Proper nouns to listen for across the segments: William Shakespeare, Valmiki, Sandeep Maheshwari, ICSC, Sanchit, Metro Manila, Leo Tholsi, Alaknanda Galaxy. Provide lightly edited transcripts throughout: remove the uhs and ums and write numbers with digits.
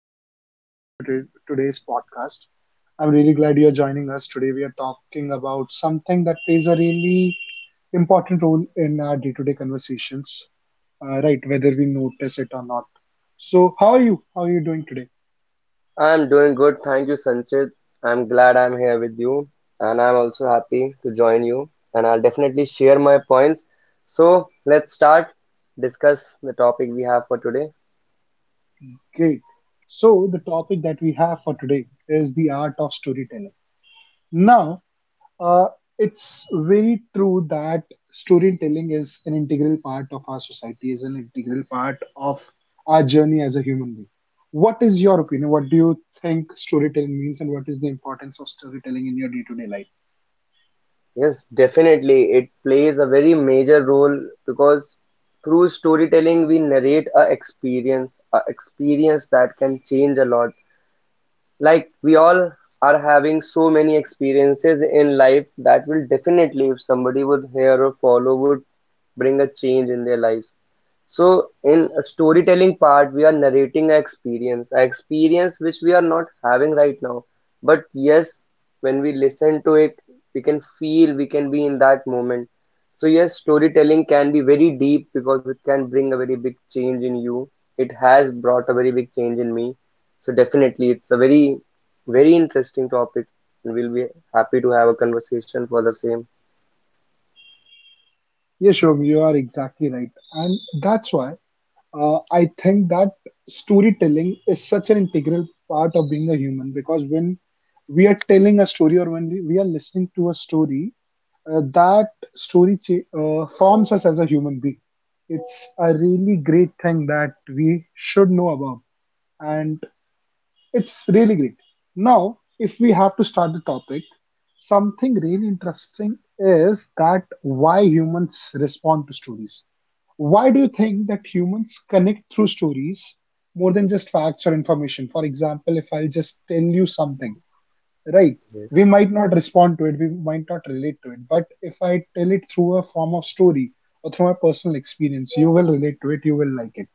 And welcome to today's podcast. I'm really glad you're joining us. Today, we are talking about something that plays a really important role in our day to day conversations, right? Whether we notice it or not. So, how are you? How are you doing today? I'm doing good, thank you, Sanchit. I'm glad I'm here with you, and I'm also happy to join you. And I'll definitely share my points. So let's start discuss the topic we have for today. Great. So, the topic that we have for today is the art of storytelling. Now, Uh, it's very true that storytelling is an integral part of our society, is an integral part of our journey as a human being. What is your opinion? What do you think storytelling means, and what is the importance of storytelling in your day-to-day life? Yes, definitely, it plays a very major role because through storytelling we narrate a experience that can change a lot. Like we all are having so many experiences in life that will definitely, if somebody would hear or follow, would bring a change in their lives. So in a storytelling part, we are narrating an experience, an experience which we are not having right now, but yes, when we listen to it, we can feel, we can be in that moment. So yes, storytelling can be very deep because it can bring a very big change in you. It has brought a very big change in me. So definitely, it's a very, very interesting topic, and we'll be happy to have a conversation for the same. Yes, Shubham, you are exactly right, and that's why I think that storytelling is such an integral part of being a human because when we are telling a story or when we are listening to a story, that story forms us as a human being. It's a really great thing that we should know about. And it's really great. Now, if we have to start the topic, something really interesting is that why humans respond to stories. Why do you think that humans connect through stories more than just facts or information? For example, if I'll just tell you something, right? Yes. We might not respond to it, we might not relate to it, but if I tell it through a form of story or through my personal experience, you will relate to it, you will like it.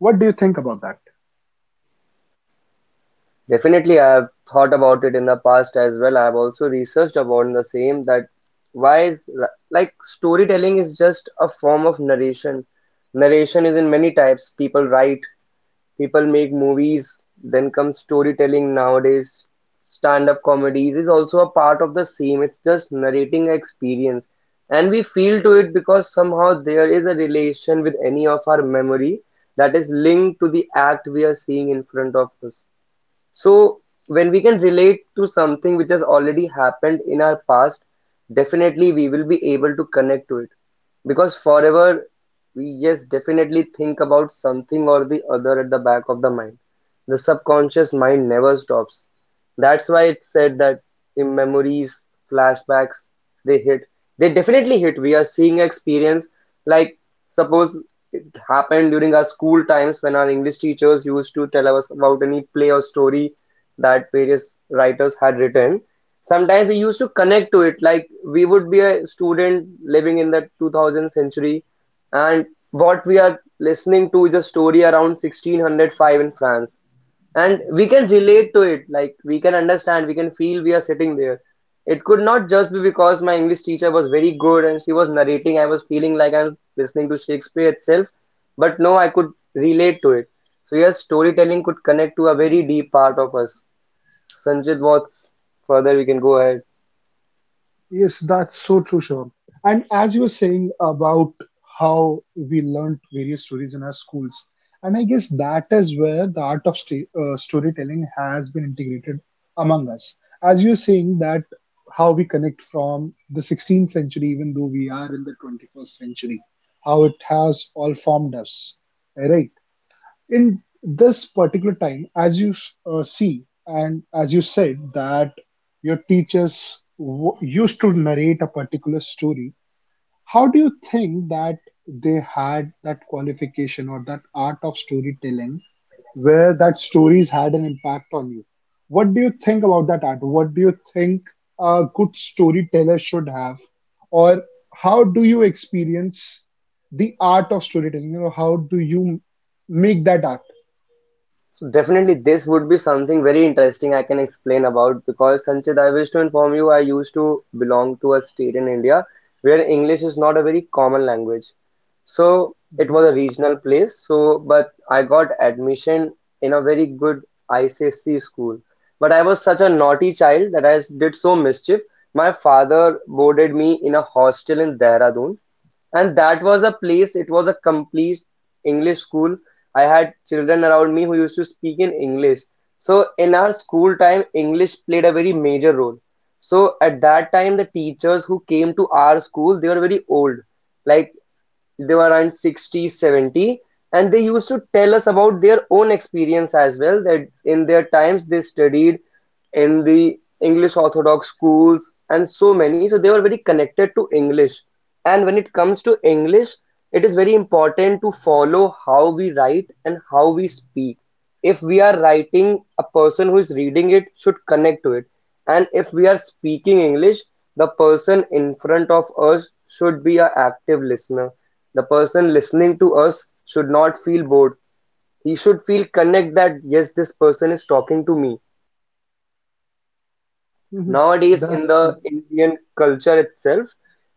What do you think about that? Definitely, I have thought about it in the past as well. I have also researched about the same that why is like storytelling is just a form of narration. Narration is in many types. People write, people make movies, then comes storytelling nowadays. Stand up comedies is also a part of the same. It's just narrating experience. And we feel to it because somehow there is a relation with any of our memory that is linked to the act we are seeing in front of us. So when we can relate to something which has already happened in our past, definitely we will be able to connect to it. Because forever, we yes, definitely think about something or the other at the back of the mind. The subconscious mind never stops. That's why it's said that in memories, flashbacks, they hit. They definitely hit. We are seeing experience. Like suppose it happened during our school times when our English teachers used to tell us about any play or story that various writers had written. Sometimes we used to connect to it. Like we would be a student living in the 2000th century, and what we are listening to is a story around 1605 in France, and we can relate to it. Like we can understand, we can feel we are sitting there. It could not just be because my English teacher was very good and she was narrating, I was feeling like I'm listening to Shakespeare itself. But no, I could relate to it. So yes, storytelling could connect to a very deep part of us. So, Sanjit, what's further we can go ahead? Yes, that's so true, Shivam. And as you were saying about how we learned various stories in our schools, and I guess that is where the art of storytelling has been integrated among us. As you were saying that how we connect from the 16th century, even though we are in the 21st century, how it has all formed us, right? In this particular time, as you see, and as you said, that your teachers used to narrate a particular story, how do you think that they had that qualification or that art of storytelling where that stories had an impact on you? What do you think about that art? What do you think a good storyteller should have? Or how do you experience the art of storytelling? You know, how do you make that art? So definitely this would be something very interesting I can explain about, because Sanchit, I wish to inform you, I used to belong to a state in India where English is not a very common language. So it was a regional place. So but I got admission in a very good ICSC school. But I was such a naughty child that I did so mischief. My father boarded me in a hostel in Dehradun, and that was a place, it was a complete English school. I had children around me who used to speak in English. So in our school time, English played a very major role. So at that time, the teachers who came to our school, they were very old. Like they were around 60, 70, and they used to tell us about their own experience as well, that in their times they studied in the English orthodox schools and so many. So they were very connected to English. And when it comes to English, it is very important to follow how we write and how we speak. If we are writing, a person who is reading it should connect to it. And if we are speaking English, the person in front of us should be an active listener. The person listening to us should not feel bored. He should feel connect that yes, this person is talking to me. Mm-hmm. Nowadays, That in the Indian culture itself,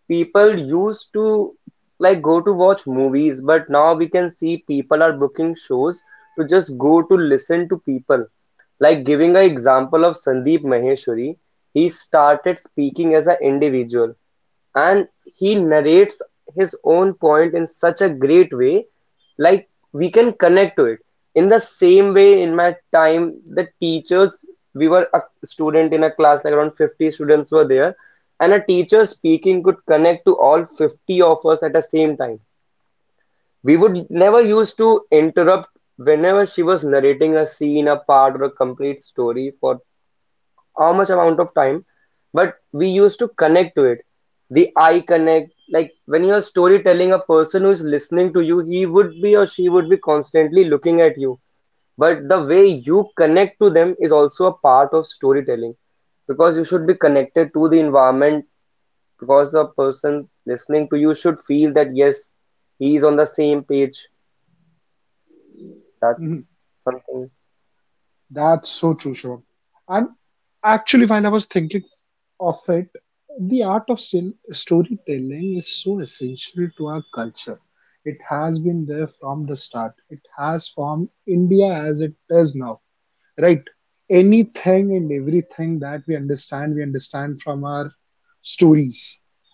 people used to like go to watch movies, but now we can see people are booking shows to just go to listen to people. Like giving an example of Sandeep Maheshwari, he started speaking as an individual and he narrates his own point in such a great way, like we can connect to it. In the same way, in my time, the teachers, we were a student in a class, like around 50 students were there, and a teacher speaking could connect to all 50 of us at the same time. We would never used to interrupt. Whenever she was narrating a scene, a part, or a complete story for how much amount of time, but we used to connect to it. The eye connect, like when you're storytelling, a person who is listening to you, he would be or she would be constantly looking at you. But the way you connect to them is also a part of storytelling because you should be connected to the environment, because the person listening to you should feel that yes, he is on the same page. mhm. That's something. That's so true, Shivam. And actually, when I was thinking of it, the art of storytelling is so essential to our culture. It has been there from the start. It has formed India as it is now, right? Anything and everything that we understand, we understand from our stories,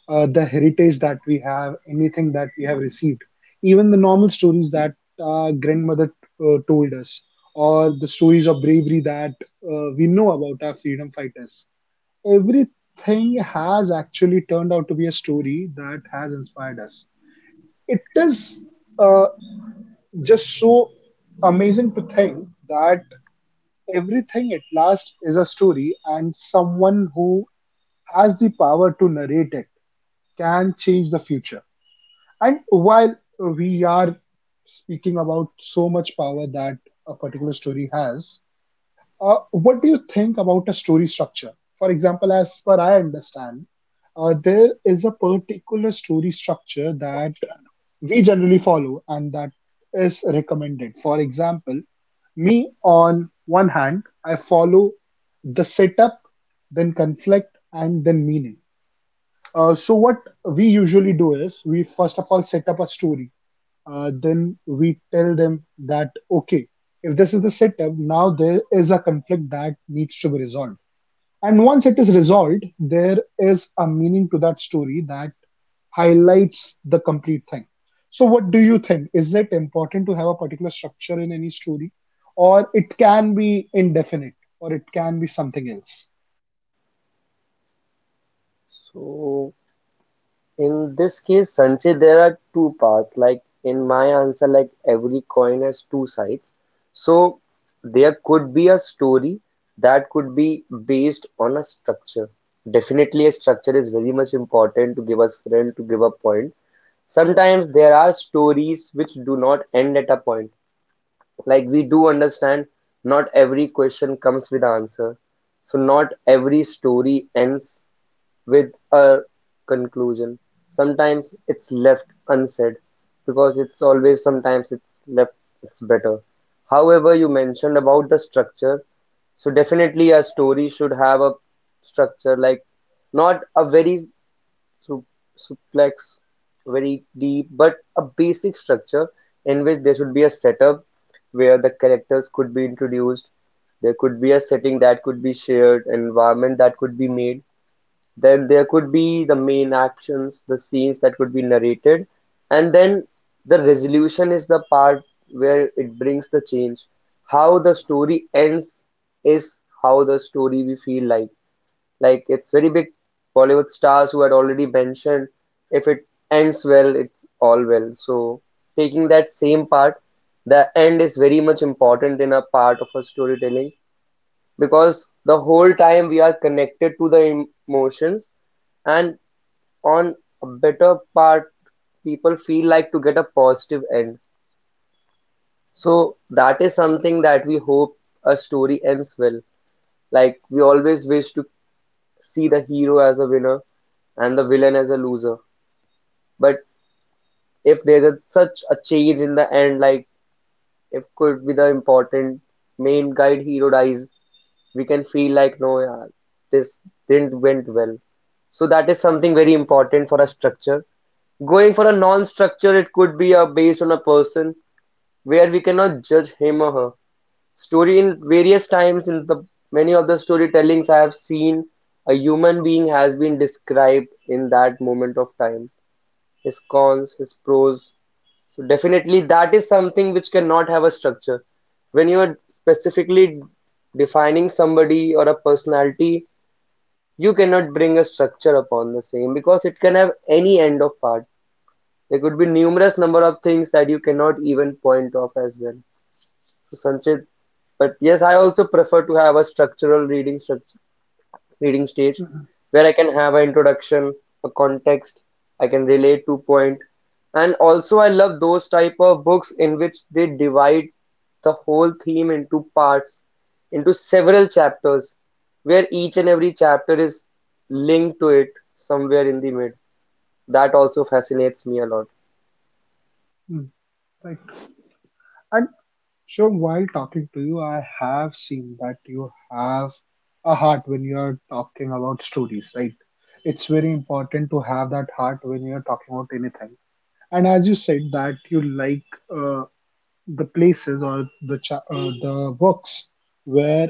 the heritage that we have, anything that we have received, even the normal stories that our grandmother told us, or the stories of bravery that we know about our freedom fighters. Everything has actually turned out to be a story that has inspired us. It is uh, just so amazing to think that everything at last is a story, and someone who has the power to narrate it can change the future. And while we are speaking about so much power that a particular story has, what do you think about a story structure? For example, as per I understand, there is a particular story structure that we generally follow and that is recommended. For example, me on one hand, I follow the setup, then conflict, and then meaning. So what we usually do is we first of all set up a story. Then we tell them that okay, if this is the setup, now there is a conflict that needs to be resolved. And once it is resolved, there is a meaning to that story that highlights the complete thing. So what do you think? Is it important to have a particular structure in any story, or it can be indefinite, or it can be something else? So in this case, Sanjay, there are two paths. Like in my answer, like every coin has two sides. So there could be a story that could be based on a structure. Definitely, a structure is very much important to give us thrill, to give a point. Sometimes there are stories which do not end at a point. Like we do understand, not every question comes with answer. So not every story ends with a conclusion. Sometimes it's left unsaid because it's always sometimes it's left, it's better. However, you mentioned about the structure, so definitely a story should have a structure, like not a very su- suplex, very deep, but a basic structure in which there should be a setup where the characters could be introduced. There could be a setting that could be shared, an environment that could be made, then there could be the main actions, the scenes that could be narrated, and then the resolution is the part where it brings the change. How the story ends is how the story we feel like. Like it's very big Bollywood stars who had already mentioned, if it ends well, it's all well. So taking that same part, the end is very much important in a part of a storytelling, because the whole time we are connected to the emotions, and on a better part, people feel like to get a positive end. So that is something that we hope, a story ends well. Like we always wish to see the hero as a winner and the villain as a loser. But if there's a, such a change in the end, like if could be the important main guide hero dies, we can feel like no, yeah, this didn't went well. So that is something very important for a structure. Going for a non-structure, it could be a based on a person where we cannot judge him or her story. In various times, in the many of the storytellings I have seen, a human being has been described in that moment of time, his cons, his pros. So definitely that is something which cannot have a structure. When you are specifically defining somebody or a personality, you cannot bring a structure upon the same because it can have any end of part. There could be numerous number of things that you cannot even point off as well. So Sanchit, but yes, I also prefer to have a structural reading structure reading stage Mhm. where I can have an introduction, a context, I can relate to point. And also I love those type of books in which they divide the whole theme into parts, into several chapters, where each and every chapter is linked to it somewhere in the mid. That also fascinates me a lot. Mm, right. And so while talking to you, I have seen that you have a heart when you're talking about stories, right? It's very important to have that heart when you're talking about anything. And as you said that you like uh, the places or the works where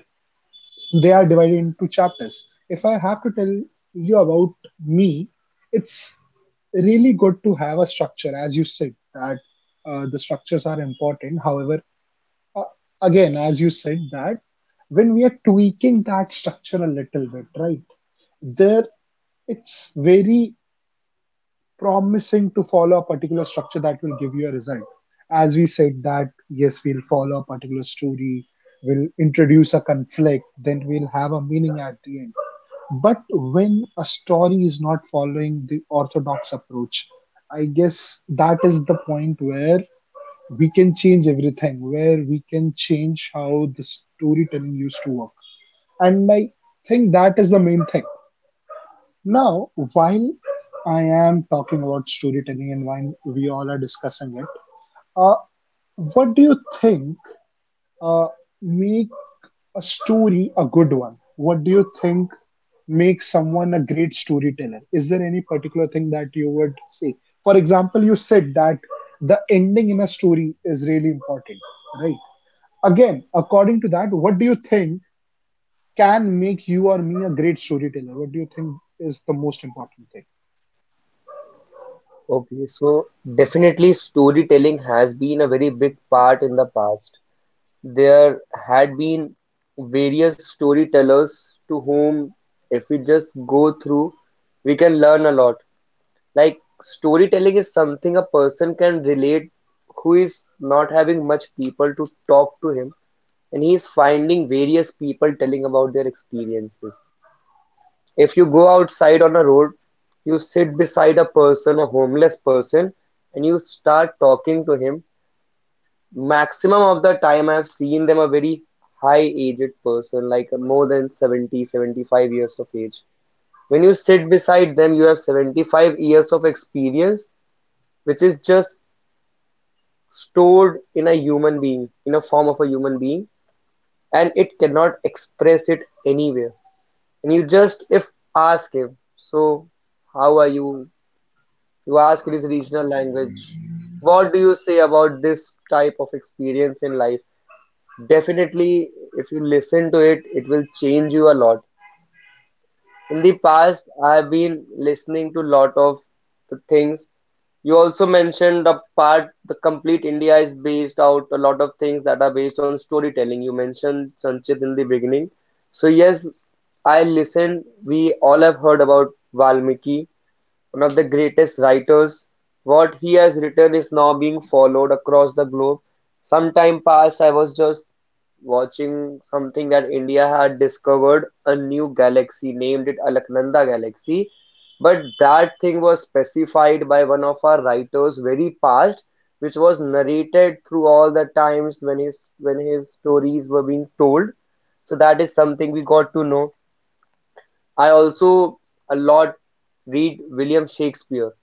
they are divided into chapters. If I have to tell you about me, it's really good to have a structure as you said that the structures are important, however, uh, again, as you said, that when we are tweaking that structure a little bit, right? There, it's very promising to follow a particular structure that will give you a result. As we said that yes, we'll follow a particular story, we'll introduce a conflict, then we'll have a meaning at the end. But when a story is not following the orthodox approach, I guess that is the point where we can change everything, where we can change how the storytelling used to work. And I think that is the main thing. Now, while I am talking about storytelling and while we all are discussing it, uh, what do you think uh, make a story a good one? What do you think makes someone a great storyteller? Is there any particular thing that you would say? For example, you said that the ending in a story is really important, right? Again, according to that, what do you think can make you or me a great storyteller? What do you think is the most important thing? Okay, so definitely storytelling has been a very big part in the past. There had been various storytellers to whom, if we just go through, we can learn a lot. Like storytelling is something a person can relate who is not having much people to talk to him, and he is finding various people telling about their experiences. If you go outside on a road, you sit beside a person, a homeless person, and you start talking to him, maximum of the time I've seen them a very high aged person, like more than 70, 75 years of age. When you sit beside them, you have 75 years of experience, which is just stored in a human being, in a form of a human being, and it cannot express it anywhere. And you just, if ask him, so how are you? You ask in his regional language, what do you say about this type of experience in life? Definitely, if you listen to it, it will change you a lot. In the past, I've been listening to a lot of the things. You also mentioned the part, the complete India is based out a lot of things that are based on storytelling. You mentioned Sanchit in the beginning. So yes, I listened. We all have heard about Valmiki. One of the greatest writers, what he has written is now being followed across the globe. Some time past, I was just watching something that India had discovered a new galaxy, named it Alaknanda Galaxy. But that thing was specified by one of our writers very past, which was narrated through all the times when his stories were being told. So that is something we got to know. I also a lot read William Shakespeare.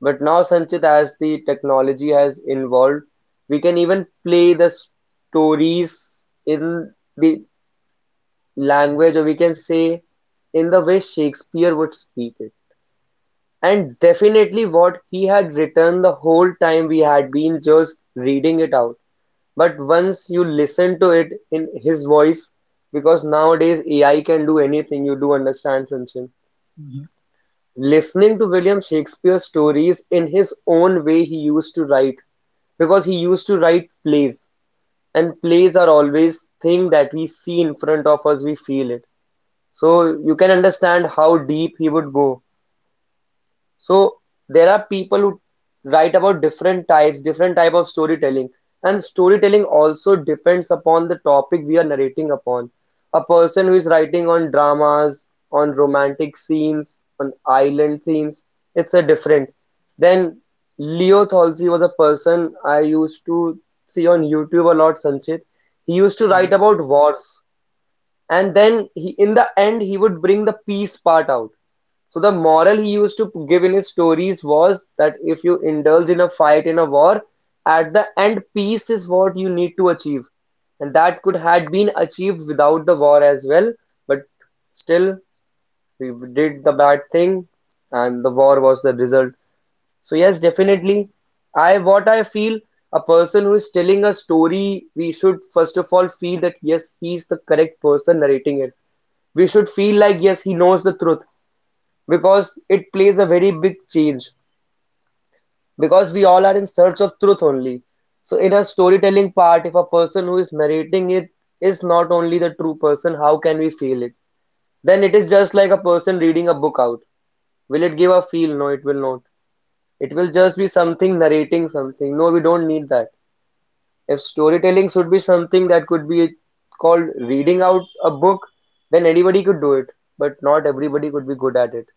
But now Sanchit, as the technology has evolved, we can even play the stories in the language, or we can say in the way Shakespeare would speak it. And definitely what he had written the whole time we had been just reading it out. But once you listen to it in his voice, because nowadays AI can do anything, you do understand, Sanchin. Mhm, Listening to William Shakespeare's stories in his own way he used to write, because he used to write plays, and plays are always thing that we see in front of us, we feel it, so you can understand how deep he would go. So there are people who write about different types, different type of storytelling, and storytelling also depends upon the topic we are narrating upon. A person who is writing on dramas, on romantic scenes, on island scenes, it's a different. Then Leo Tholsi was a person I used to see on YouTube a lot, Sanchit. He used to write mhm. about wars, and then he, in the end, he would bring the peace part out. So the moral he used to give in his stories was that if you indulge in a fight in a war, at the end peace is what you need to achieve. And that could had been achieved without the war as well, but still we did the bad thing and the war was the result. So yes, definitely, I what I feel, a person who is telling a story, we should first of all feel that yes, he is the correct person narrating it. We should feel like yes, he knows the truth, because it plays a very big change, because we all are in search of truth only. So in a storytelling part, if a person who is narrating it is not only the true person, how can we feel it? Then it is just like a person reading a book out. Will it give a feel? No, it will not. It will just be something narrating something. No, we don't need that. If storytelling should be something that could be called reading out a book, then anybody could do it, but not everybody could be good at it.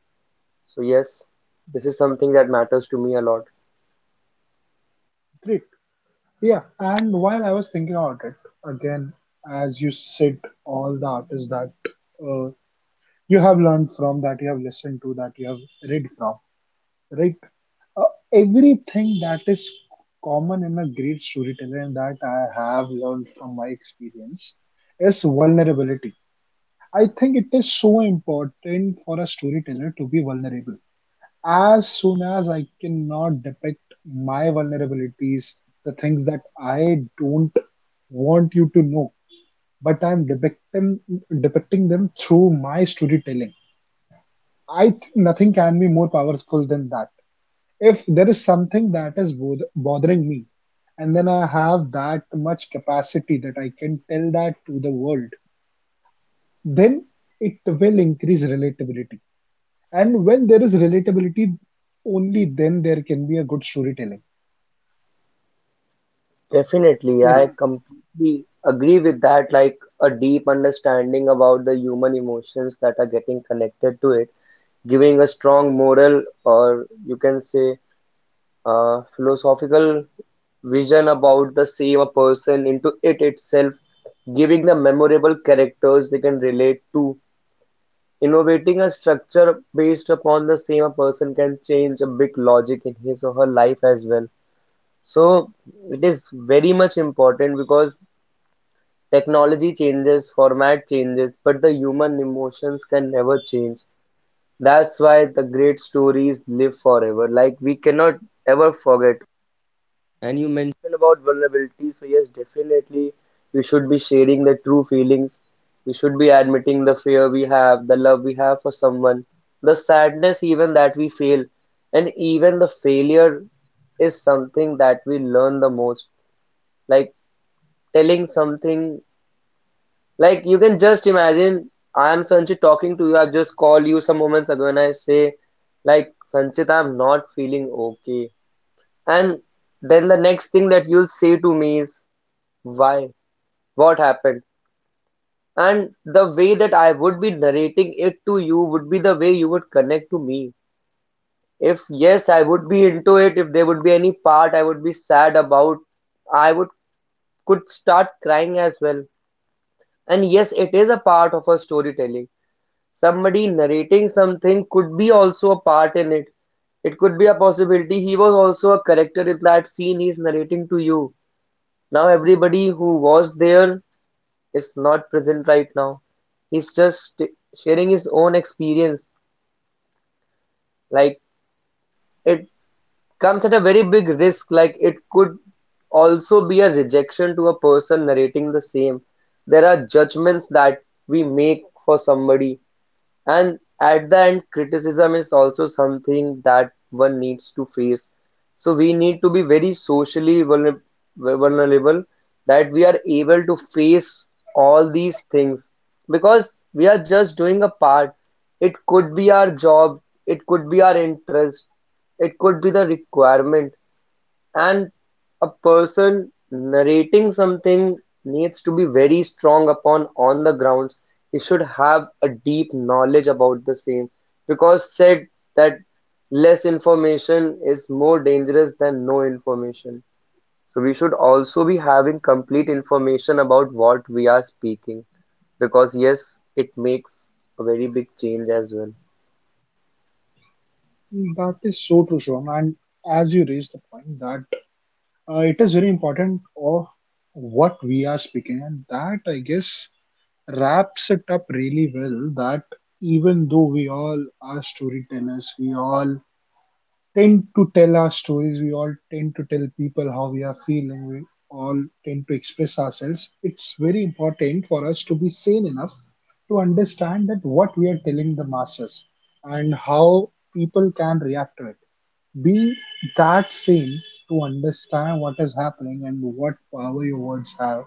So yes, this is something that matters to me a lot. Great. Yeah. And while I was thinking about it, again, as you said, all the artists that uh, you have learned from, that you have listened to, that you have read from, right? Uh, everything that is common in a great storyteller and that I have learned from my experience is vulnerability. I think it is so important for a storyteller to be vulnerable. As soon as I cannot depict my vulnerabilities, the things that I don't want you to know, but I'm depicting, depicting them through my storytelling, I think nothing can be more powerful than that. If there is something that is bothering me, and then I have that much capacity that I can tell that to the world, then it will increase relatability. And when there is relatability, only then there can be a good storytelling. Definitely, Yeah. I completely agree with that. Like a deep understanding about the human emotions that are getting connected to it, giving a strong moral, or you can say philosophical vision about the same, a person into it itself, giving them memorable characters they can relate to. Innovating a structure based upon the same, a person can change a big logic in his or her life as well. So it is very much important because technology changes, format changes, but the human emotions can never change. That's why the great stories live forever. Like we cannot ever forget. And you mentioned about vulnerability, so yes, definitely we should be sharing the true feelings. We should be admitting the fear we have, the love we have for someone, the sadness even that we feel, and even the failure is something that we learn the most. Like telling something, like you can just imagine I am Sanchit talking to you. I've just called you some moments ago and I say, like, Sanchit, I'm not feeling okay. And then the next thing that you'll say to me is why? What happened? And the way that I would be narrating it to you would be the way you would connect to me. If yes, I would be into it. If there would be any part I would be sad about, I would could start crying as well. And yes, it is a part of our storytelling. Somebody narrating something could be also a part in it. It could be a possibility. He was also a character in that scene he's narrating to you. Now everybody who was there is not present right now. He's just sharing his own experience. Like it comes at a very big risk. Like it could also be a rejection to a person narrating the same. There are judgments that we make for somebody. And at the end, criticism is also something that one needs to face. So we need to be very socially vulnerable, that we are able to face all these things, because we are just doing a part. It could be our job, it could be our interest, it could be the requirement, and a person narrating something needs to be very strong upon on the grounds. He should have a deep knowledge about the same, because said that less information is more dangerous than no information. So we should also be having complete information about what we are speaking, because yes, it makes a very big change as well. That is so true, Shivam. And as you raised the point that it is very important of what we are speaking, and that I guess wraps it up really well. That even though we all are storytellers, we all tend to tell our stories, we all tend to tell people how we are feeling, we all tend to express ourselves. It's very important for us to be sane enough to understand that what we are telling the masses and how people can react to it, be that same, to understand what is happening and what power your words have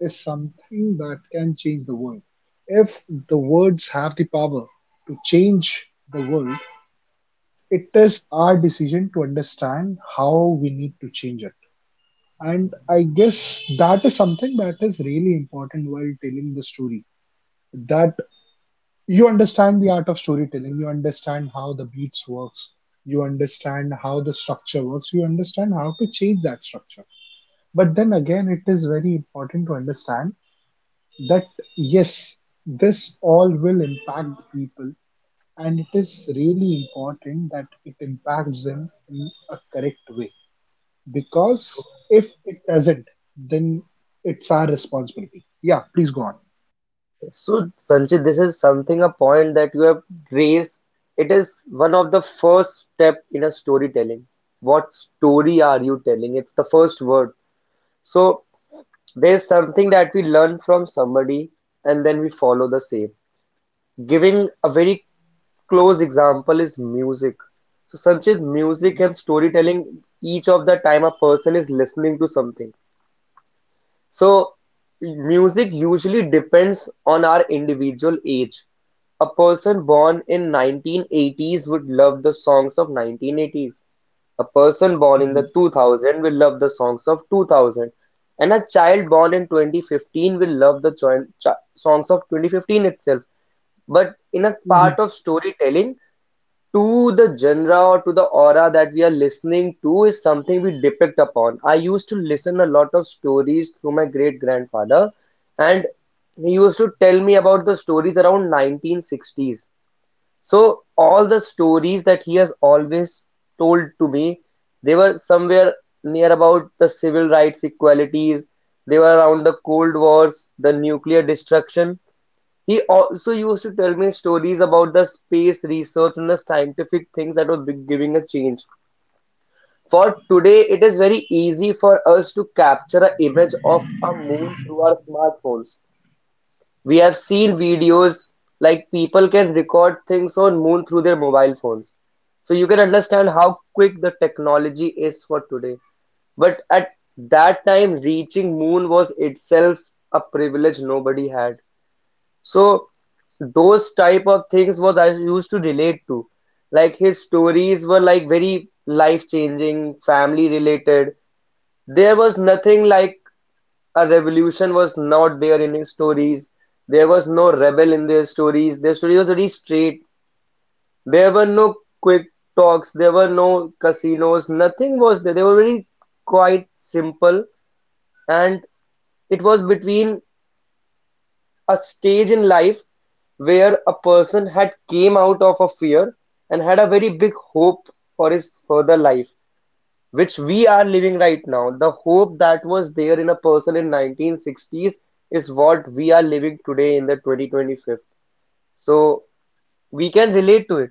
is something that can change the world. If the words have the power to change the world, it is our decision to understand how we need to change it. And I guess that is something that is really important while telling the story. That you understand the art of storytelling, you understand how the beats works, you understand how the structure works, you understand how to change that structure, but then again, it is very important to understand that yes, this all will impact the people, and it is really important that it impacts them in a correct way, because So, if it doesn't, then it's our responsibility. Yeah, please go on. so, Sanchit, this is something, a point that you have raised. It is one of the first step in a storytelling. What story are you telling? It's the first word. So there's something that we learn from somebody and then we follow the same. Giving a very close example is music. So Sanchit, music and storytelling, each of the time a person is listening to something. So music usually depends on our individual age. A person born in 1980s would love the songs of 1980s. A person born in Mhm. the 2000 will love the songs of 2000. And a child born in 2015 will love the songs of 2015 itself. But in a Mhm. part of storytelling, to the genre or to the aura that we are listening to is something we depict upon. I used to listen a lot of stories through my great grandfather, and he used to tell me about the stories around 1960s. So all the stories that he has always told to me, they were somewhere near about the civil rights equalities, they were around the Cold Wars, the nuclear destruction. He also used to tell me stories about the space research and the scientific things that were giving a change. For today, it is very easy for us to capture an image of a moon through our smartphones. We have seen videos, like people can record things on moon through their mobile phones. So you can understand how quick the technology is for today. But at that time, reaching moon was itself a privilege nobody had. So those type of things was I used to relate to. Like his stories were like very life changing, family related. There was nothing like a revolution was not there in his stories. There was no rebel in their stories. Their story was very straight. There were no quick talks. There were no casinos. Nothing was there. They were very quite simple, and it was between a stage in life where a person had came out of a fear and had a very big hope for his further life, which we are living right now. The hope that was there in a person in 1960s is what we are living today in the 2025. So we can relate to it.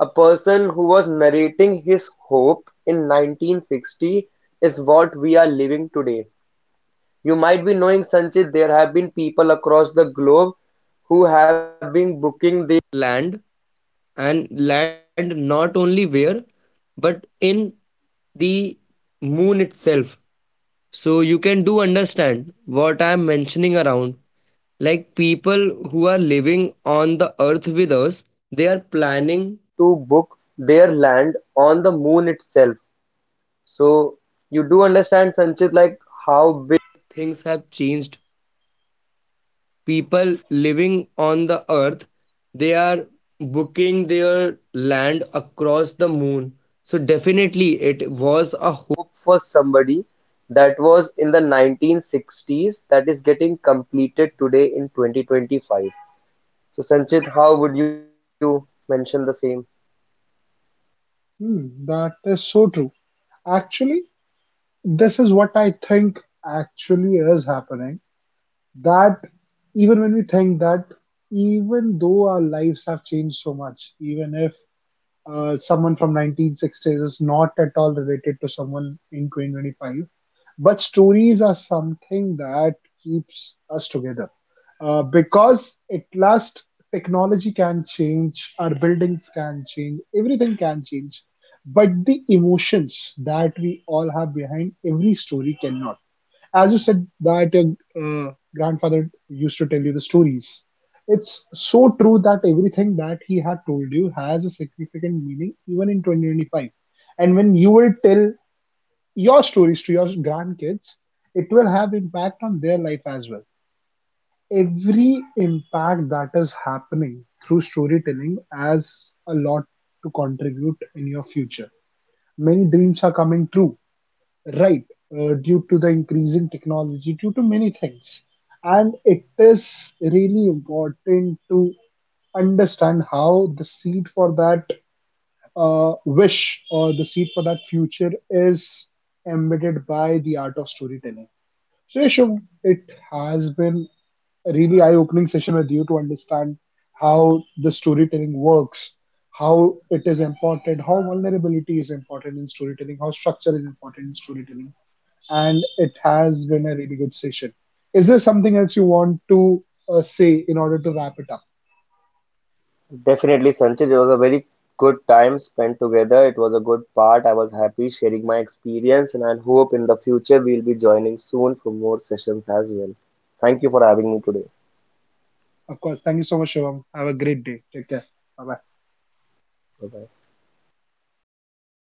A person who was narrating his hope in 1960 is what we are living today. You might be knowing, Sanchit, there have been people across the globe on the moon itself. So you do understand, Sanchit, was in 1960s that is getting completed today in 2025. So Sanchit, how would you mention the same? Hmm, that is so true. Actually, this is what I think actually is happening. That even when we think that even though our lives have changed so much, even if someone from 1960s is not at all related to someone in 2025, but stories are something that keeps us together, because at last, technology can change, our buildings can change, everything can change, but the emotions that we all have behind every story cannot. As you said that your grandfather used to tell you the stories, it's so true that everything that he had told you has a significant meaning even in 2025. And when you will tell your stories to your grandkids, it will have impact on their life as well. Every impact that is happening through storytelling has a lot to contribute in your future. Many dreams are coming true, right, due to the increasing technology, due to many things. And it is really important to understand how the seed for that wish or the seed for that future is embedded by the art of storytelling. So Yasham, it has been a really eye-opening session with you to understand how the storytelling works, how it is important, how vulnerability is important in storytelling, how structure is important in storytelling, and it has been a really good session. Is there something else you want to say in order to wrap it up? Definitely, Sanchit, it was a very good time spent together. It was a good part. I was happy sharing my experience, and I hope in the future we'll be joining soon for more sessions as well. Thank you for having me today. Of course, thank you so much, Shivam. Have a great day. Take care. Bye bye. Bye bye.